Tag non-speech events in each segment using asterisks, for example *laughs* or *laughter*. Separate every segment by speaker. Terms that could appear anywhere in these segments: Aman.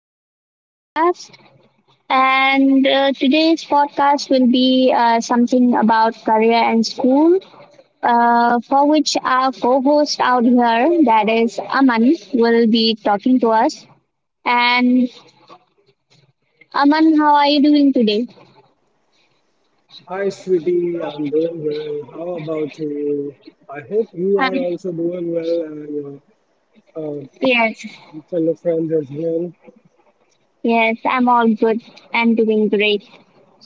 Speaker 1: to the podcast. And today's podcast will be something about career and school, for which our co host out here, that is Aman, will be talking to us. And Aman, how are you doing today?
Speaker 2: Hi, sweetie. I'm doing well. How about you? I hope you
Speaker 1: Uh,
Speaker 2: are also doing well and your
Speaker 1: yes,
Speaker 2: fellow friends as well.
Speaker 1: yes, I'm all good and doing great.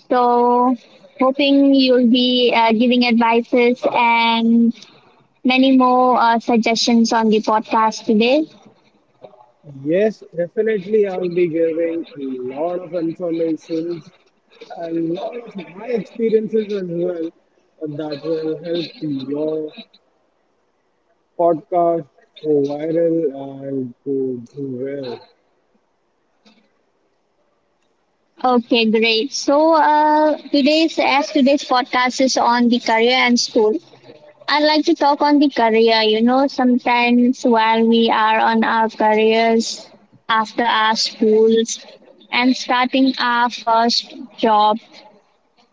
Speaker 1: So, hoping you'll be giving advices and many more suggestions on the podcast today.
Speaker 2: Yes, definitely. I'll be giving a lot of information, a lot of my experiences as well that will help your podcast go viral and go do well.
Speaker 1: Okay, great. So today's podcast is on the career and school. I'd like to talk on the career. You know, sometimes while we are on our careers after our schools and starting our first job,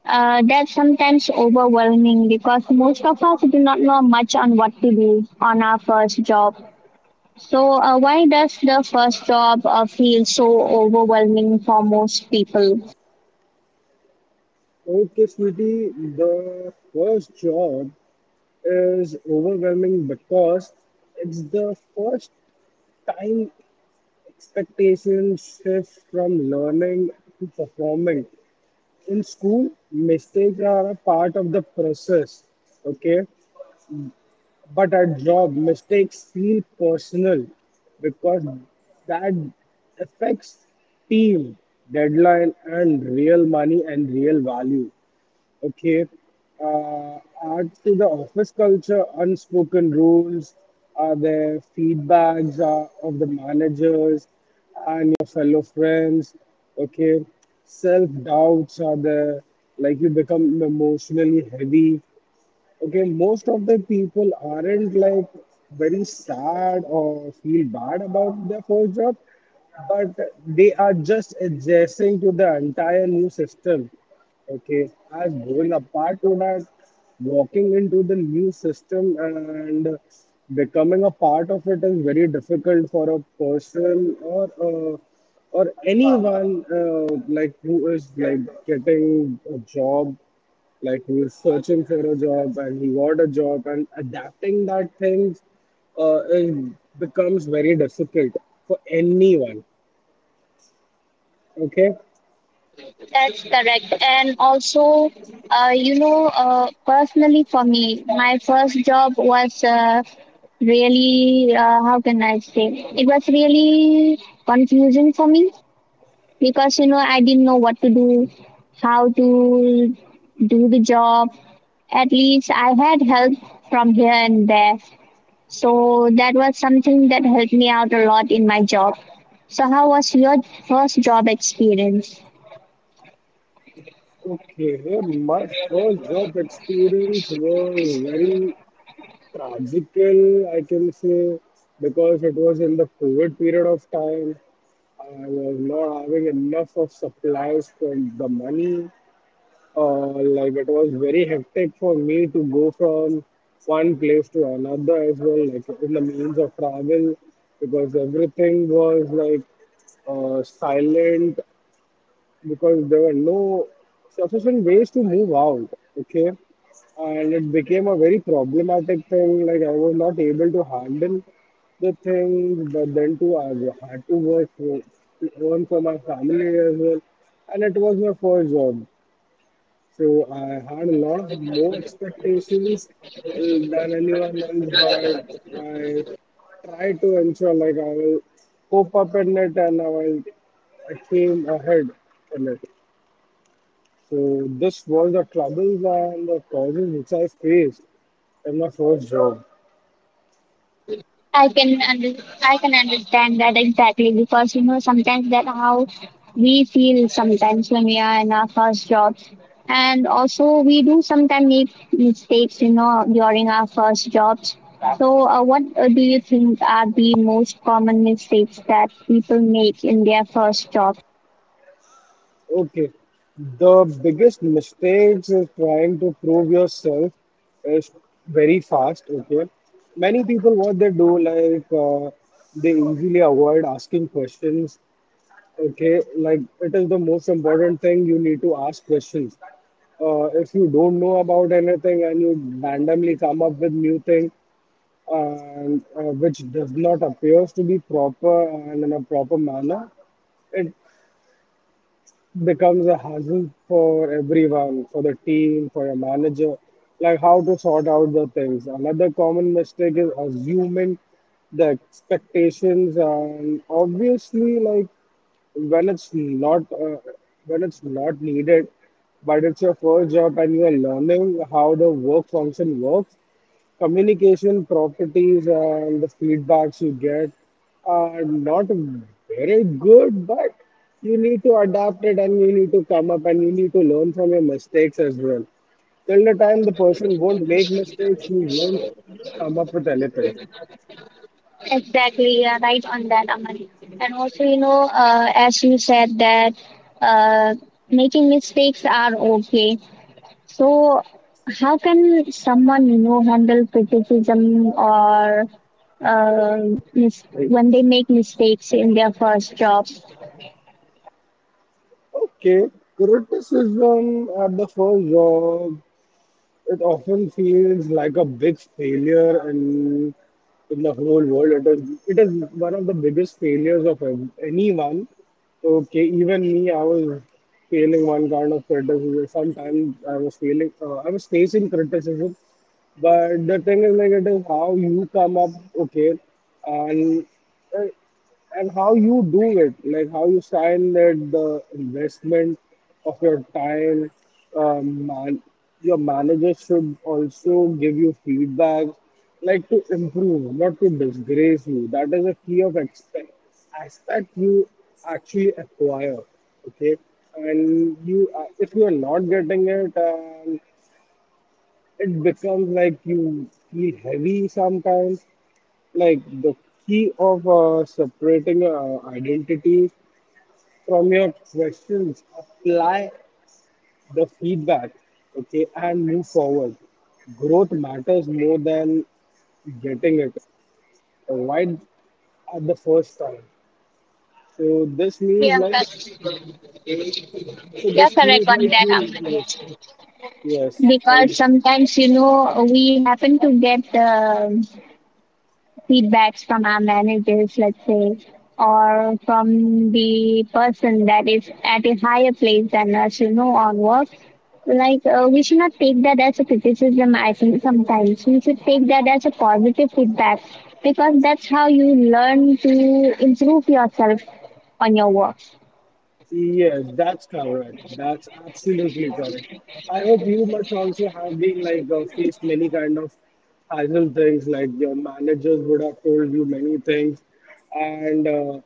Speaker 1: that's sometimes overwhelming because most of us do not know much on what to do on our first job. So, why does the first job feel so overwhelming for most people?
Speaker 2: Okay, sweetie. The first job is overwhelming because it's the first time expectations shift from learning to performing. In school, mistakes are a part of the process, okay? But at job, mistakes feel personal because that affects team, deadline, and real money and real value. Okay. Uh, add to the office culture, unspoken rules, are there feedbacks of the managers and your fellow friends? Okay. Self doubts are there, like you become emotionally heavy. Okay, most of the people aren't like very sad or feel bad about their first job, but they are just adjusting to the entire new system. Okay, as going apart to that, walking into the new system and becoming a part of it is very difficult for a person or or anyone like who is like getting a job, like he was searching for a job and he got a job, and adapting that things is, becomes very difficult for anyone, okay.
Speaker 1: That's correct. And also, personally for me, my first job was really, how can I say, it was really confusing for me because, I didn't know what to do, how to do the job. At least I had help from here and there, so that was something that helped me out a lot in my job. So how was your first job experience?
Speaker 2: Okay, here my first job experience was very tragical, I can say, because it was in the COVID period of time. I was not having enough of supplies for the money. Uh, like it was very hectic for me to go from one place to another as well, like in the means of travel, because everything was like silent, because there were no sufficient ways to move out. Okay, and it became a very problematic thing. Like I was not able to handle the thing, but then too I had to work for, earn for my family as well, and it was my first job, so I had a lot of more expectations than anyone else, but I tried to ensure like I will cope up in it and I, will, I came ahead in it. So this was the troubles and the causes which I faced in my first job.
Speaker 1: I can under, I can understand that exactly because sometimes that how we feel sometimes when we are in our first jobs, and also we do sometimes make mistakes during our first jobs. So what do you think are the most common mistakes that people make in their first job?
Speaker 2: Okay. The biggest mistakes is trying to prove yourself is very fast. Okay. Many people, what they do, like they easily avoid asking questions. Okay. Like it is the most important thing, you need to ask questions. If you don't know about anything and you randomly come up with new thing and which does not appears to be proper and in a proper manner, it becomes a hassle for everyone, for the team, for your manager, like how to sort out the things. Another common mistake is assuming the expectations, and obviously, like when it's not uh, when it's not needed, but it's your first job and you are learning how the work function works, communication properties and the feedbacks you get are not very good, but you need to adapt it and you need to come up and you need to learn from your mistakes as well. Till the time the person won't make mistakes, you won't come up with anything.
Speaker 1: Exactly, yeah, right on that, Aman. And also, as you said that uh, making mistakes are okay. So, how can someone, handle criticism or uh, when they make mistakes in their first job?
Speaker 2: Okay, criticism at the first job, it often feels like a big failure in the whole world. It is one of the biggest failures of anyone. Okay, even me, I was failing one kind of criticism. Sometimes I was failing. I was facing criticism, but the thing is like it is how you come up. Okay, and uh, and how you do it, like how you find that the investment of your time, man, your manager should also give you feedback, like to improve, not to disgrace you. That is a key of expect, aspect you actually acquire. Okay, and you if you are not getting it, it becomes like you feel heavy sometimes, like the key of separating identity from your questions, apply the feedback, okay, and move forward. Growth matters more than getting it right at the first time. so this means
Speaker 1: Yeah,
Speaker 2: like
Speaker 1: cor-
Speaker 2: so
Speaker 1: yeah,
Speaker 2: this means
Speaker 1: correct on
Speaker 2: like
Speaker 1: that,
Speaker 2: you, yes.
Speaker 1: Aman.
Speaker 2: Yes, I.
Speaker 1: Because sometimes, we happen to get feedbacks from our managers, let's say, or from the person that is at a higher place than us, on work. Like, we should not take that as a criticism, I think, sometimes. We should take that as a positive feedback because that's how you learn to improve yourself on your work.
Speaker 2: Yes, that's correct. That's absolutely correct. I hope you must also have been like faced many kind of hassle things. Like your managers would have told you many things, and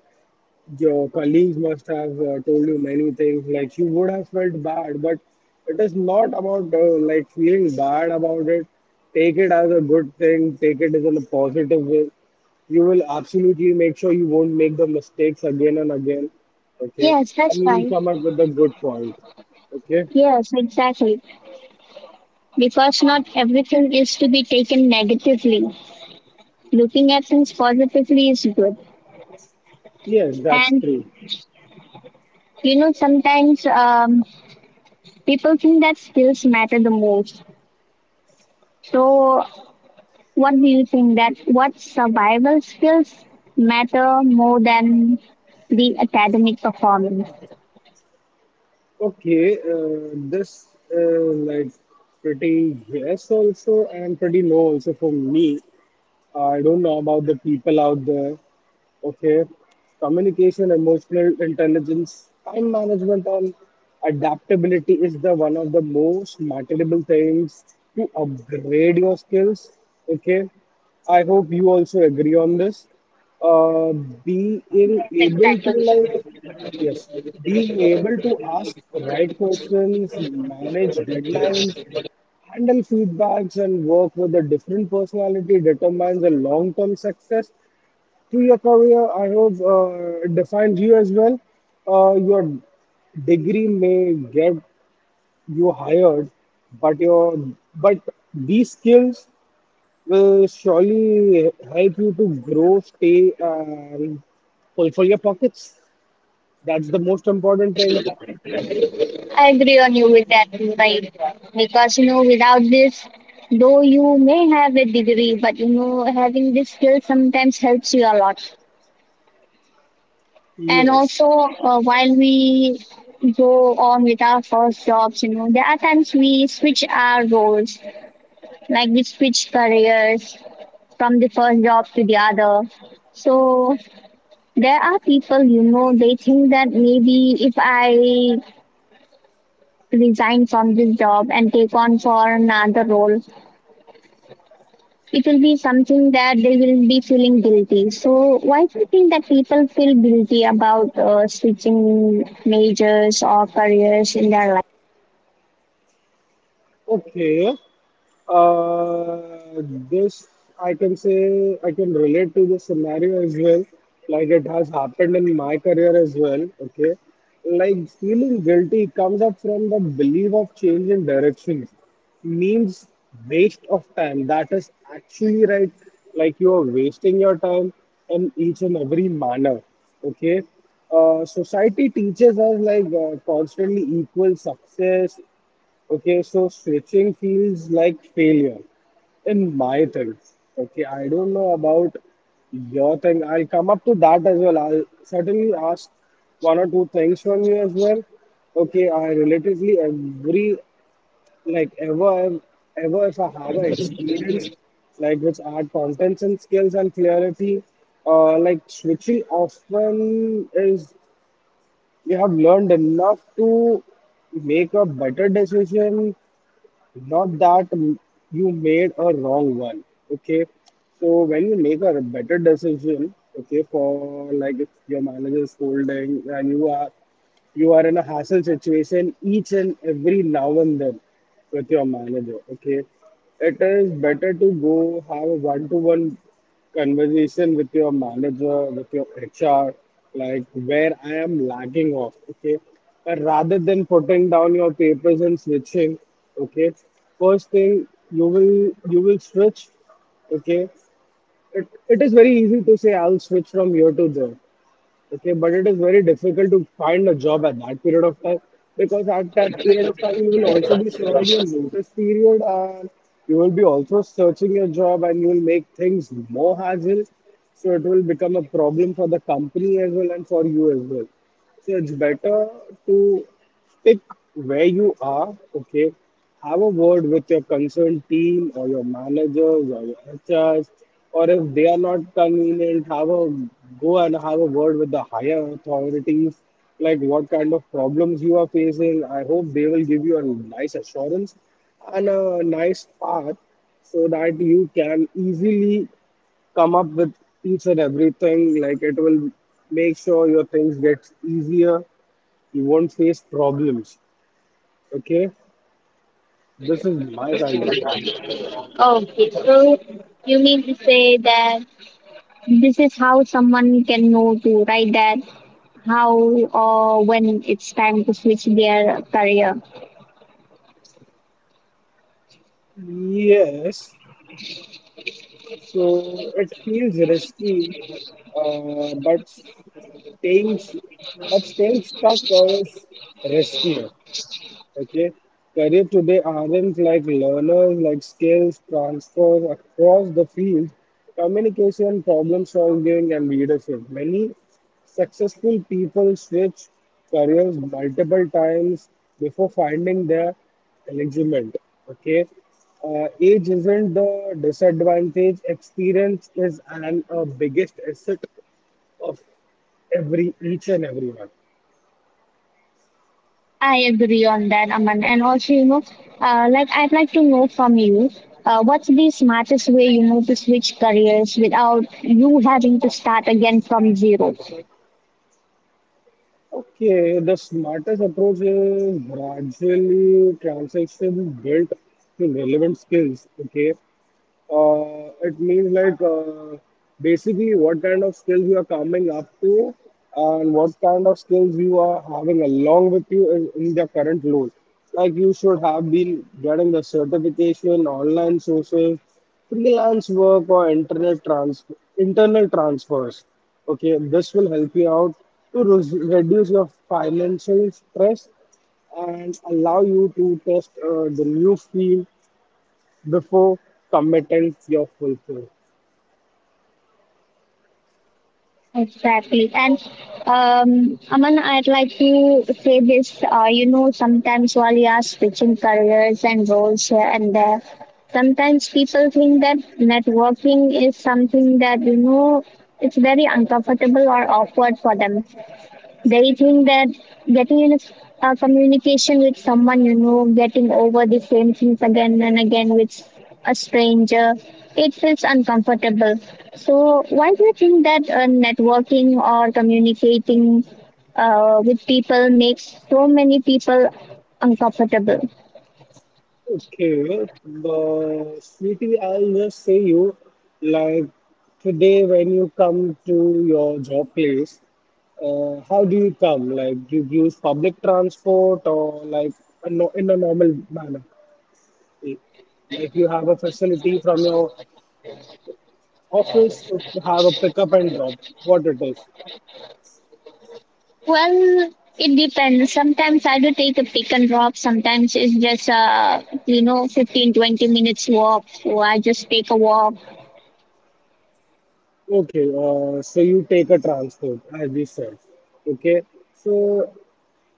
Speaker 2: your colleagues must have told you many things. Like you would have felt bad, but it is not about like feeling bad about it. Take it as a good thing. Take it as in a positive way. You will absolutely make sure you won't make the mistakes again and again, okay,
Speaker 1: Yes, that's
Speaker 2: and you will
Speaker 1: fine.
Speaker 2: come up with a good point, okay.
Speaker 1: Yes, exactly. Because not everything is to be taken negatively. Looking at things positively is good.
Speaker 2: Yes, that's
Speaker 1: And
Speaker 2: true.
Speaker 1: sometimes people think that skills matter the most, so what do you think, that what survival skills matter more than the academic performance?
Speaker 2: Okay, this is like pretty yes also and pretty no also for me. I don't know about the people out there. Okay. Communication, emotional intelligence, time management, and adaptability is the one of the most marketable things to upgrade your skills. Okay. I hope you also agree on this. Uh, being able to
Speaker 1: Exactly,
Speaker 2: like. Yes, being able to ask right questions, manage deadlines, handle feedbacks, and work with a different personality determines a long term success through your career, I hope defines you as well. Your degree may get you hired, but your but these skills will surely help you to grow, stay, and fulfill your pockets. That's the most important thing.
Speaker 1: I agree on you with that, right? Because without this, though you may have a degree, but having this skill sometimes helps you a lot. And
Speaker 2: Yes.
Speaker 1: also, while we go on with our first jobs, there are times we switch our roles, like we switch careers from the first job to the other. So there are people, they think that maybe if I resign from this job and take on for another role, it will be something that they will be feeling guilty. So why do you think that people feel guilty about switching majors or careers in their life?
Speaker 2: Okay. Uh, this I can say, I can relate to this scenario as well. Like it has happened in my career as well. Okay, like feeling guilty comes up from the belief of change in direction means waste of time. That is actually right. Like you are wasting your time in each and every manner. Okay, society teaches us like constantly equal success. Okay, so switching feels like failure in my thing. Okay, I don't know about your thing. I'll come up to that as well. I'll certainly ask one or two things from you as well. Okay, I relatively every like ever, ever if I have an experience like which add contents and skills and clarity, like switching often is you have learned enough to make a better decision, not that you made a wrong one. Okay. So when you make a better decision, okay, for like if your manager is scolding and you are in a hassle situation each and every now and then with your manager. Okay, it is better to go have a one-to-one conversation with your manager, with your HR, like where I am lagging off. Okay, but rather than putting down your papers and switching, okay, first thing you will switch, okay. It is very easy to say I'll switch from here to there. Okay, but it is very difficult to find a job at that period of time, because at that period of time you will also be serving your notice period and you will be also searching your job and you will make things more hassle. So it will become a problem for the company as well and for you as well. So it's better to stick where you are, okay, have a word with your concerned team or your managers or your HRs, or if they are not convenient, have a go and have a word with the higher authorities, like what kind of problems you are facing. I hope they will give you a nice assurance and a nice path so that you can easily come up with each and everything. Like it will make sure your things get easier. You won't face problems. Okay, this is my kind of thing.
Speaker 1: Okay, so you mean to say that this is how someone can know to write that how or when it's time to switch their career.
Speaker 2: Yes, so it feels risky, but staying staying stuck is riskier. Okay, career today aren't like learners, like skills transfers across the field, communication, problem solving, and leadership. Many successful people switch careers multiple times before finding their alignment. Okay, age isn't the disadvantage, experience is an a biggest asset of every each and everyone.
Speaker 1: I agree on that, Aman. And also, like I'd like to know from you, what's the smartest way to switch careers without you having to start again from zero?
Speaker 2: Okay, the smartest approach is gradually transition built to relevant skills. Okay, It means like basically what kind of skills you are coming up to and what kind of skills you are having along with you in the current role. Like you should have been getting the certification, online sources, freelance work, or internet trans internal transfers. Okay, this will help you out to reduce your financial stress and allow you to test the new field before committing your full film.
Speaker 1: Exactly. And Aman, I'd like to say this. Sometimes while you are switching careers and roles here and there, sometimes people think that networking is something that, it's very uncomfortable or awkward for them. They think that getting in a communication with someone, getting over the same things again and again with a stranger, it feels uncomfortable. So, why do you think that networking or communicating with people makes so many people uncomfortable?
Speaker 2: Okay, but sweetie, I'll just say you, like today when you come to your job place, how do you come? Like, do you use public transport or like a no in a normal manner? Like, you have a facility from your office to have a pickup and drop, what it is.
Speaker 1: Well, it depends. Sometimes I do take a pick and drop. Sometimes it's just, 15, 20 minutes walk. So I just take a walk.
Speaker 2: Okay, so you take a transport, as we said. Okay, so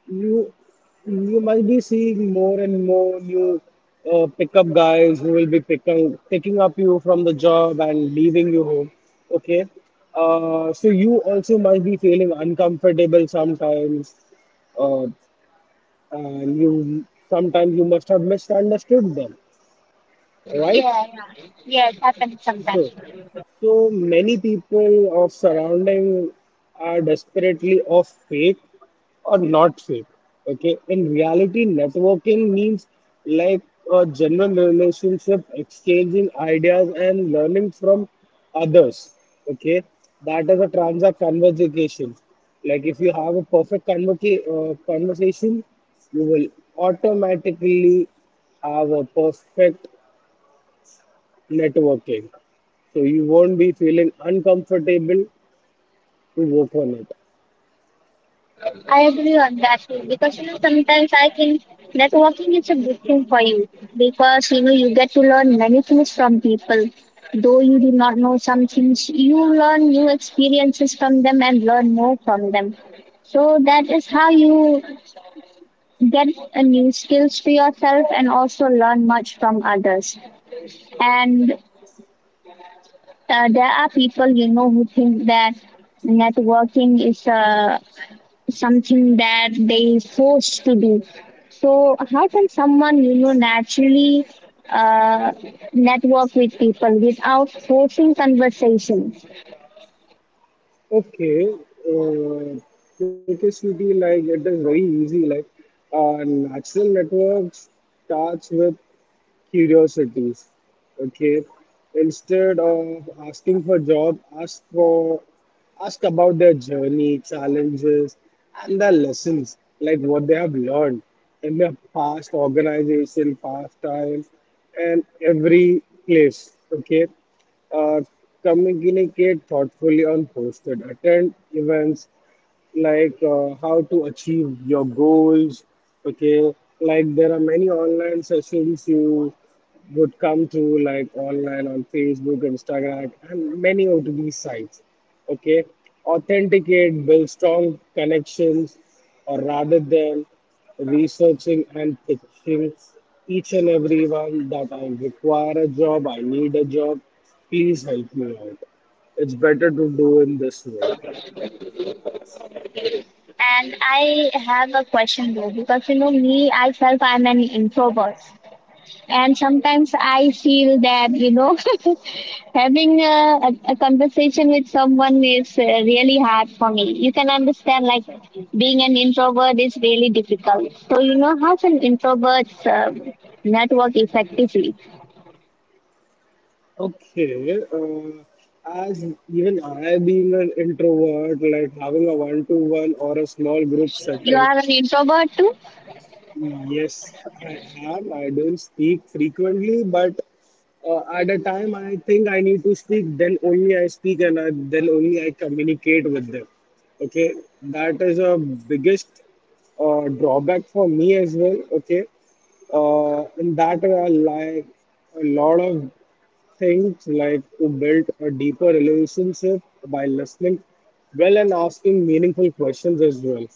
Speaker 2: you you might be seeing more and more new pickup guys who will be picking up you from the job and leaving you home. Okay, so you also might be feeling uncomfortable sometimes, uh, and you sometimes you must have misunderstood them,
Speaker 1: Yeah,
Speaker 2: right?
Speaker 1: yeah. Yeah, it happens
Speaker 2: So,
Speaker 1: sometimes.
Speaker 2: so many people of surrounding are desperately of faith or not fake. Okay, in reality, networking means like a general relationship, exchanging ideas and learning from others. Okay, that is a transact conversation. Like if you have a perfect conversation, you will automatically have a perfect networking. So you won't be feeling uncomfortable to work on it.
Speaker 1: I agree on that too, because sometimes I think networking is a good thing for you because you get to learn many things from people. Though you do not know some things, you learn new experiences from them and learn more from them. So that is how you get a new skills to yourself and also learn much from others. And there are people who think that networking is a something that they forced to do. So how can someone naturally uh, network with people without forcing conversations?
Speaker 2: Okay, Percussivity, like it is very easy. Like natural networks starts with curiosities. Okay, instead of asking for job, ask about their journey, challenges, and their lessons, like what they have learned in their past organization, past times, and every place. Okay, uh, communicate thoughtfully on posted, attend events, like how to achieve your goals. Okay, like there are many online sessions you would come to, like online on Facebook, Instagram, and many of these sites. Okay, authenticate build strong connections or rather than researching and pitching each and everyone that I require a job, I need a job, please help me out. It's better to do in this way.
Speaker 1: And I have a question though because you know me, I'm an introvert. And sometimes I feel that *laughs* having a conversation with someone is really hard for me. You can understand, like being an introvert is really difficult. So how can introverts network effectively?
Speaker 2: Okay, as even I being an introvert, like having a one-to-one or a small group
Speaker 1: You
Speaker 2: setting,
Speaker 1: are an introvert too.
Speaker 2: yes, I am. I don't speak frequently, but at a time I think I need to speak, then only I speak and then only I communicate with them. Okay, that is a biggest drawback for me as well. Okay, in that way, I like a lot of things like to build a deeper relationship by listening well and asking meaningful questions as well.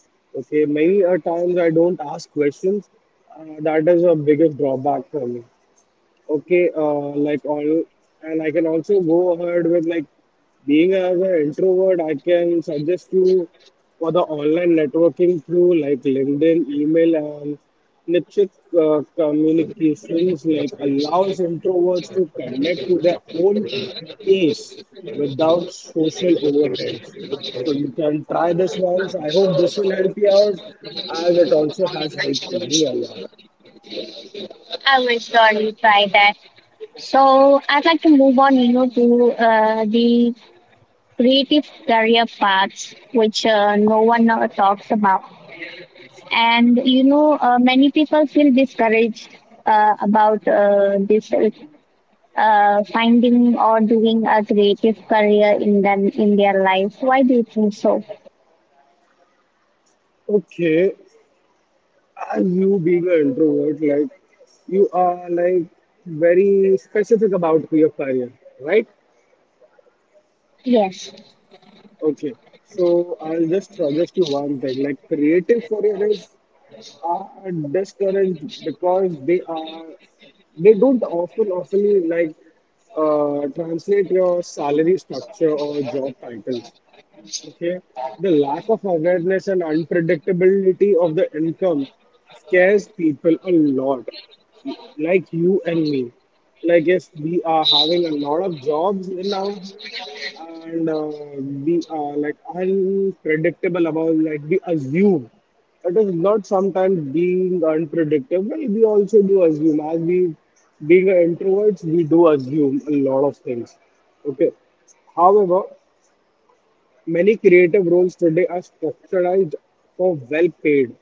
Speaker 2: Okay, many a times I don't ask questions. That is a biggest drawback for me. Okay, and I can also go ahead with like being as an introvert. I can suggest you for the online networking through like LinkedIn, email, and niche communications. Like allows introverts to connect to their own pace without social overheads. So you can try this once. I hope this will help you out, as it also has helped me a lot.
Speaker 1: I will surely try that. So I'd like to move on, to the creative career paths, which no one talks about. And many people feel discouraged about this finding or doing a creative career in them in their life. Why do you think so?
Speaker 2: Okay, as you being an introvert, like you are like very specific about your career, right?
Speaker 1: Yes,
Speaker 2: Okay. So I'll just suggest you one thing. Like creative careers are discouraged because they are they don't often like translate your salary structure or job titles. Okay. The lack of awareness and unpredictability of the income scares people a lot, like you and me. Like, if we are having a lot of jobs in our hand and we are like unpredictable about, like, we assume it is not sometimes being unpredictable, we also do assume. As we being introverts, we do assume a lot of things. Okay. However, many creative roles today are structured for well paid,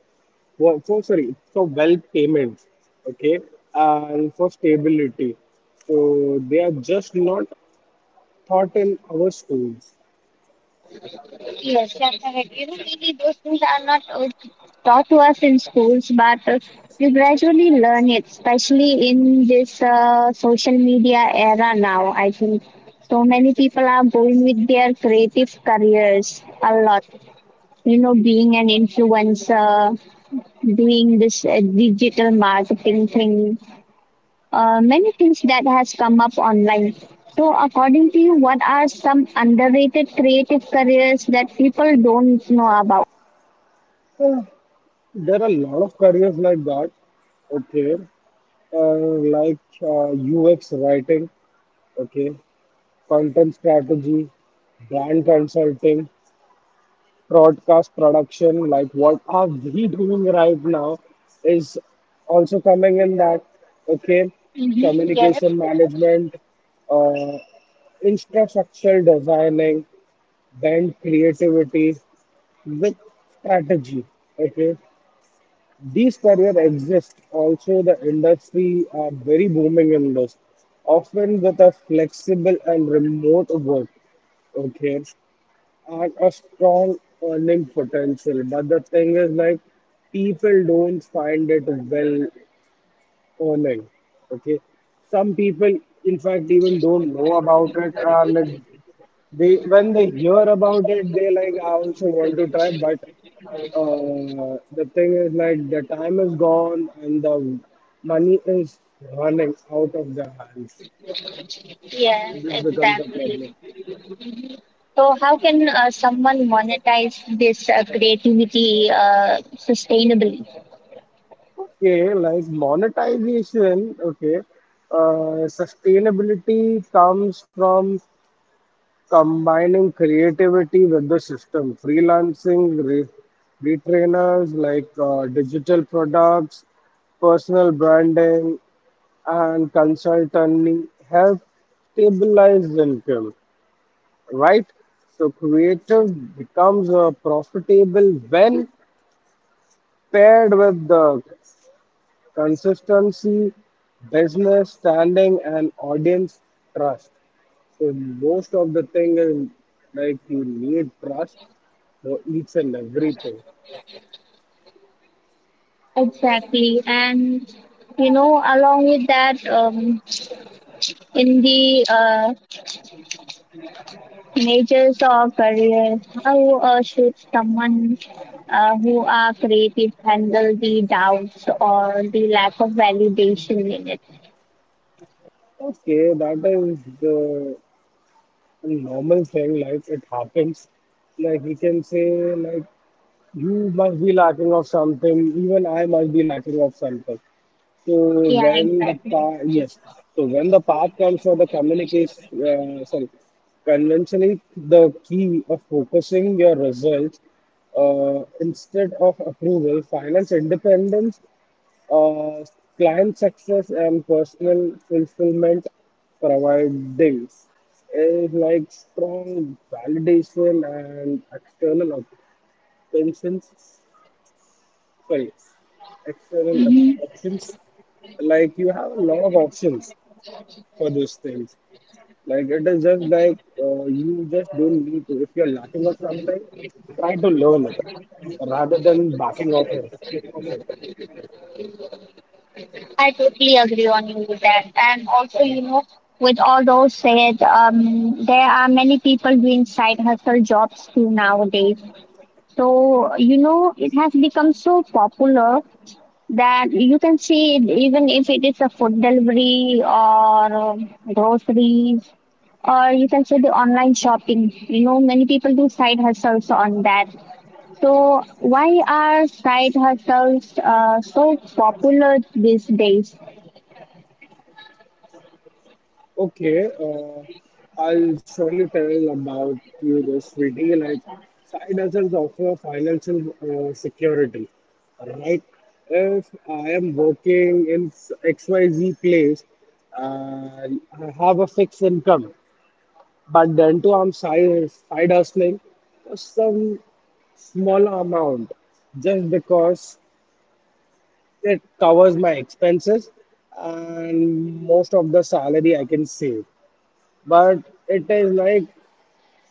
Speaker 2: for well payments, okay, and for stability. So they are just not taught in our schools. *sighs*
Speaker 1: yes, that's correct. Really, those things are not taught to us in schools, but you gradually learn it, especially in this social media era now, I think. So many people are going with their creative careers a lot, being an influencer, doing this digital marketing thing, many things that has come up online. So, according to you, what are some underrated creative careers that people don't know about?
Speaker 2: Uh, There are a lot of careers like that, okay, UX writing, okay, content strategy, brand consulting, broadcast production, like what are we doing right now, is also coming in that, okay,
Speaker 1: Mm-hmm, yes,
Speaker 2: communication management, uh, infrastructural designing, then creativity with strategy, okay. These careers exist. Also, the industry are very booming in this, often with a flexible and remote work, okay are a strong earning potential, but the thing is like people don't find it well earning. Okay, some people in fact even don't know about it, and it, they when they hear about it, they like I also want to try, but the thing is like the time is gone and the money is running out of their hands.
Speaker 1: yes,
Speaker 2: And this becomes a
Speaker 1: exactly.
Speaker 2: problem.
Speaker 1: So, how can someone monetize this creativity sustainably?
Speaker 2: Okay, like monetization, okay. Sustainability comes from combining creativity with the system, freelancing, re retrainers like digital products, personal branding, and consulting have stabilized income, right? So creative becomes profitable when paired with the consistency, business standing, and audience trust. So most of the thing is like you need trust for each and everything.
Speaker 1: Exactly, and along with that, in the majors or career, how should someone, who are creative, handle the doubts or the lack of validation in it?
Speaker 2: Okay, that is the normal thing. Like it happens. Like we can say like you must be lacking of something. Even I must be lacking of something. So
Speaker 1: Yeah,
Speaker 2: when the
Speaker 1: exactly,
Speaker 2: path, yes. So when the path comes for the communication, sorry, conventionally the key of focusing your results instead of approval, finance independence, uh, client success, and personal fulfillment providing is like strong validation and external pensions, sorry, external options. Like you have a lot of options for those things. Like it is just like you just don't need to. If you're lacking of something, try to learn it rather than backing off of it.
Speaker 1: I totally agree on you with that. And also, with all those said, there are many people doing side hustle jobs too nowadays, so it has become so popular that you can see it, even if it is a food delivery or groceries, or you can say the online shopping. Many people do side hustles on that. So why are side hustles so popular these days?
Speaker 2: Okay, I'll surely tell about you this Viti. Like side hustles offer financial security, right? If I am working in XYZ place, uh, I have a fixed income, but then too I'm side hustling for some small amount just because it covers my expenses and most of the salary I can save, but it is like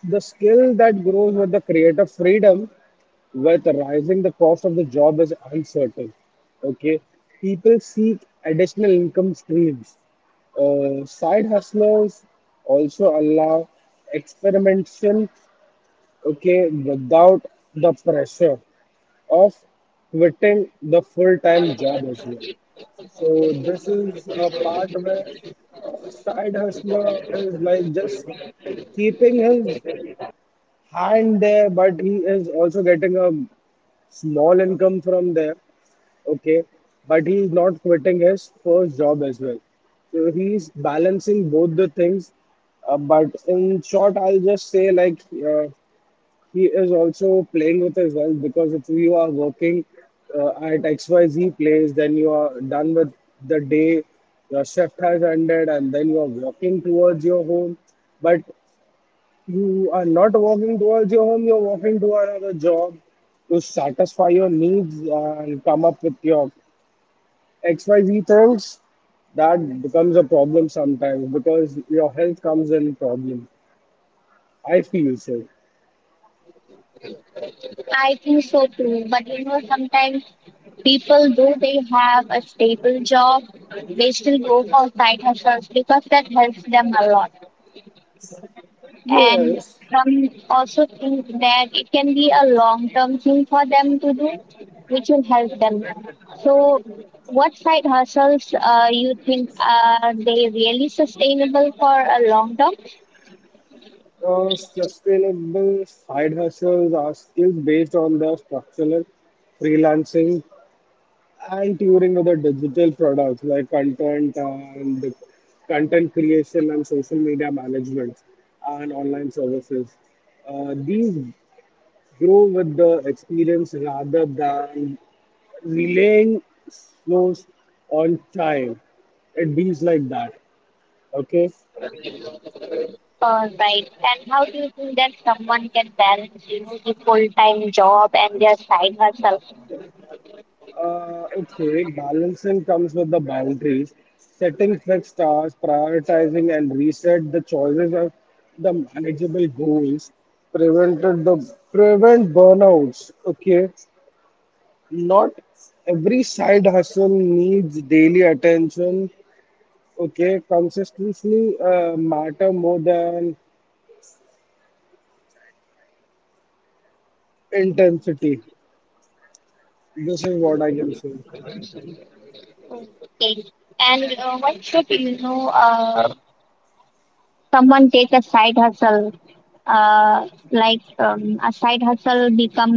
Speaker 2: the skill that grows with the creative freedom with rising the cost of the job is uncertain. Okay, people seek additional income streams. Side hustlers also allow experimentation, okay, without the pressure of quitting the full-time job as well. So this is a part where side hustler is like just keeping his hand there, but he is also getting a small income from there. Okay, but he's not quitting his first job as well. So he's balancing both the things. But in short, I'll just say like he is also playing with his wealth because if you are working at XYZ place, then you are done with the day, your shift has ended, and then you are walking towards your home. But you are not walking towards your home, you're walking to another job to satisfy your needs and come up with your XYZ things. That becomes a problem sometimes because your health comes in problem. I feel so.
Speaker 1: I think so too, but sometimes people, though they have a stable job, they still go for side hustles because that helps them a lot. And
Speaker 2: Yes,
Speaker 1: some also think that it can be a long term thing for them to do, which will help them. So what side hustles you think are they really sustainable for a long term?
Speaker 2: sustainable side hustles are skills based on the structural freelancing and touring with the digital products like and content creation and social media management and online services. These grow with the experience rather than relying those on time. It means like that. Okay.
Speaker 1: Right, and how do you think that someone can balance the full time job and their side hustle?
Speaker 2: Okay, balancing comes with the boundaries. Setting fixed tasks, prioritizing and reset the choices of the manageable goals, prevented the prevent burnouts. Okay, not every side hustle needs daily attention. Okay, consistency matter more than intensity. This is what I can say.
Speaker 1: Okay. And what should someone take a side hustle like a side hustle become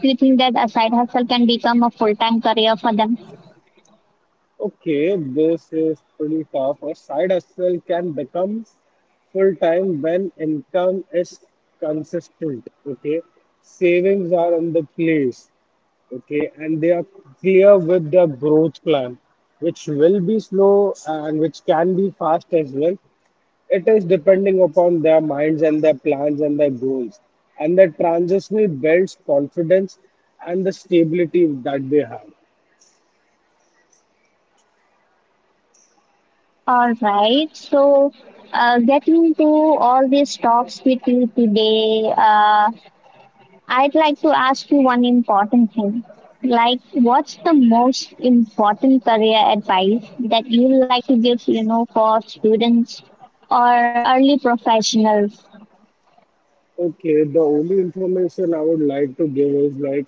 Speaker 1: do you think that a side hustle can become a full-time career for them?
Speaker 2: Okay, this is pretty tough. A side hustle can become full time when income is consistent. Okay, savings are in the place. Okay, and they are clear with their growth plan, which will be slow and which can be fast as well. It is depending upon their minds and their plans and their goals. And the transitional builds confidence and the stability that they have.
Speaker 1: All right, so getting into all these talks with you today, I'd like to ask you one important thing. Like, what's the most important career advice that you like to give for students or early professionals?
Speaker 2: Okay, the only information I would like to give is like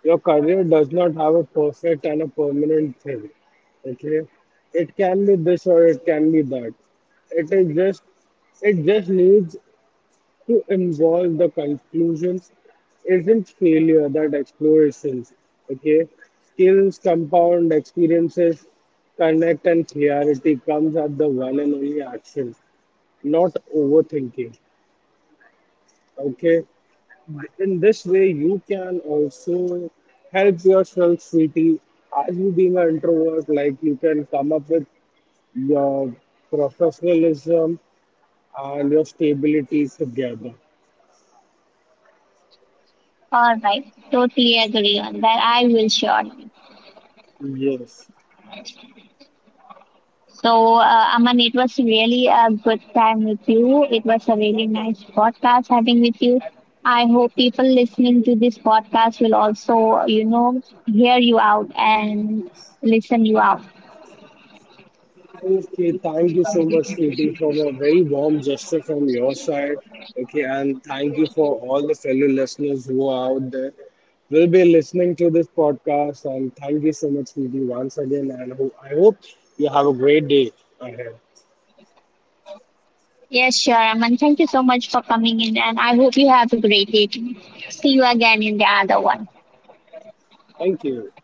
Speaker 2: your career does not have a perfect and a permanent thing. Okay, it can be this or it can be that. It is just it just needs to involve the conclusions. Isn't failure that explorations? Okay, skills compound experiences, connect and clarity comes at the one and only action, not overthinking. Okay. In this way, you can also help yourself, sweetie. As you being an introvert, like you can come up with your professionalism and your stability together.
Speaker 1: All right, totally agree on that. I will sure.
Speaker 2: Yes.
Speaker 1: So, Aman, it was really a good time with you. It was a really nice podcast having with you. I hope people listening to this podcast will also, hear you out and listen you out.
Speaker 2: Okay, thank you so much, sweetie, for a very warm gesture from your side. Okay, and thank you for all the fellow listeners who are out there. Will be listening to this podcast, and thank you so much, sweetie, once again. And I hope you have a great day ahead.
Speaker 1: Yes, sure, Aman. Thank you so much for coming in, and I hope you have a great day. See you again in the other one.
Speaker 2: Thank you.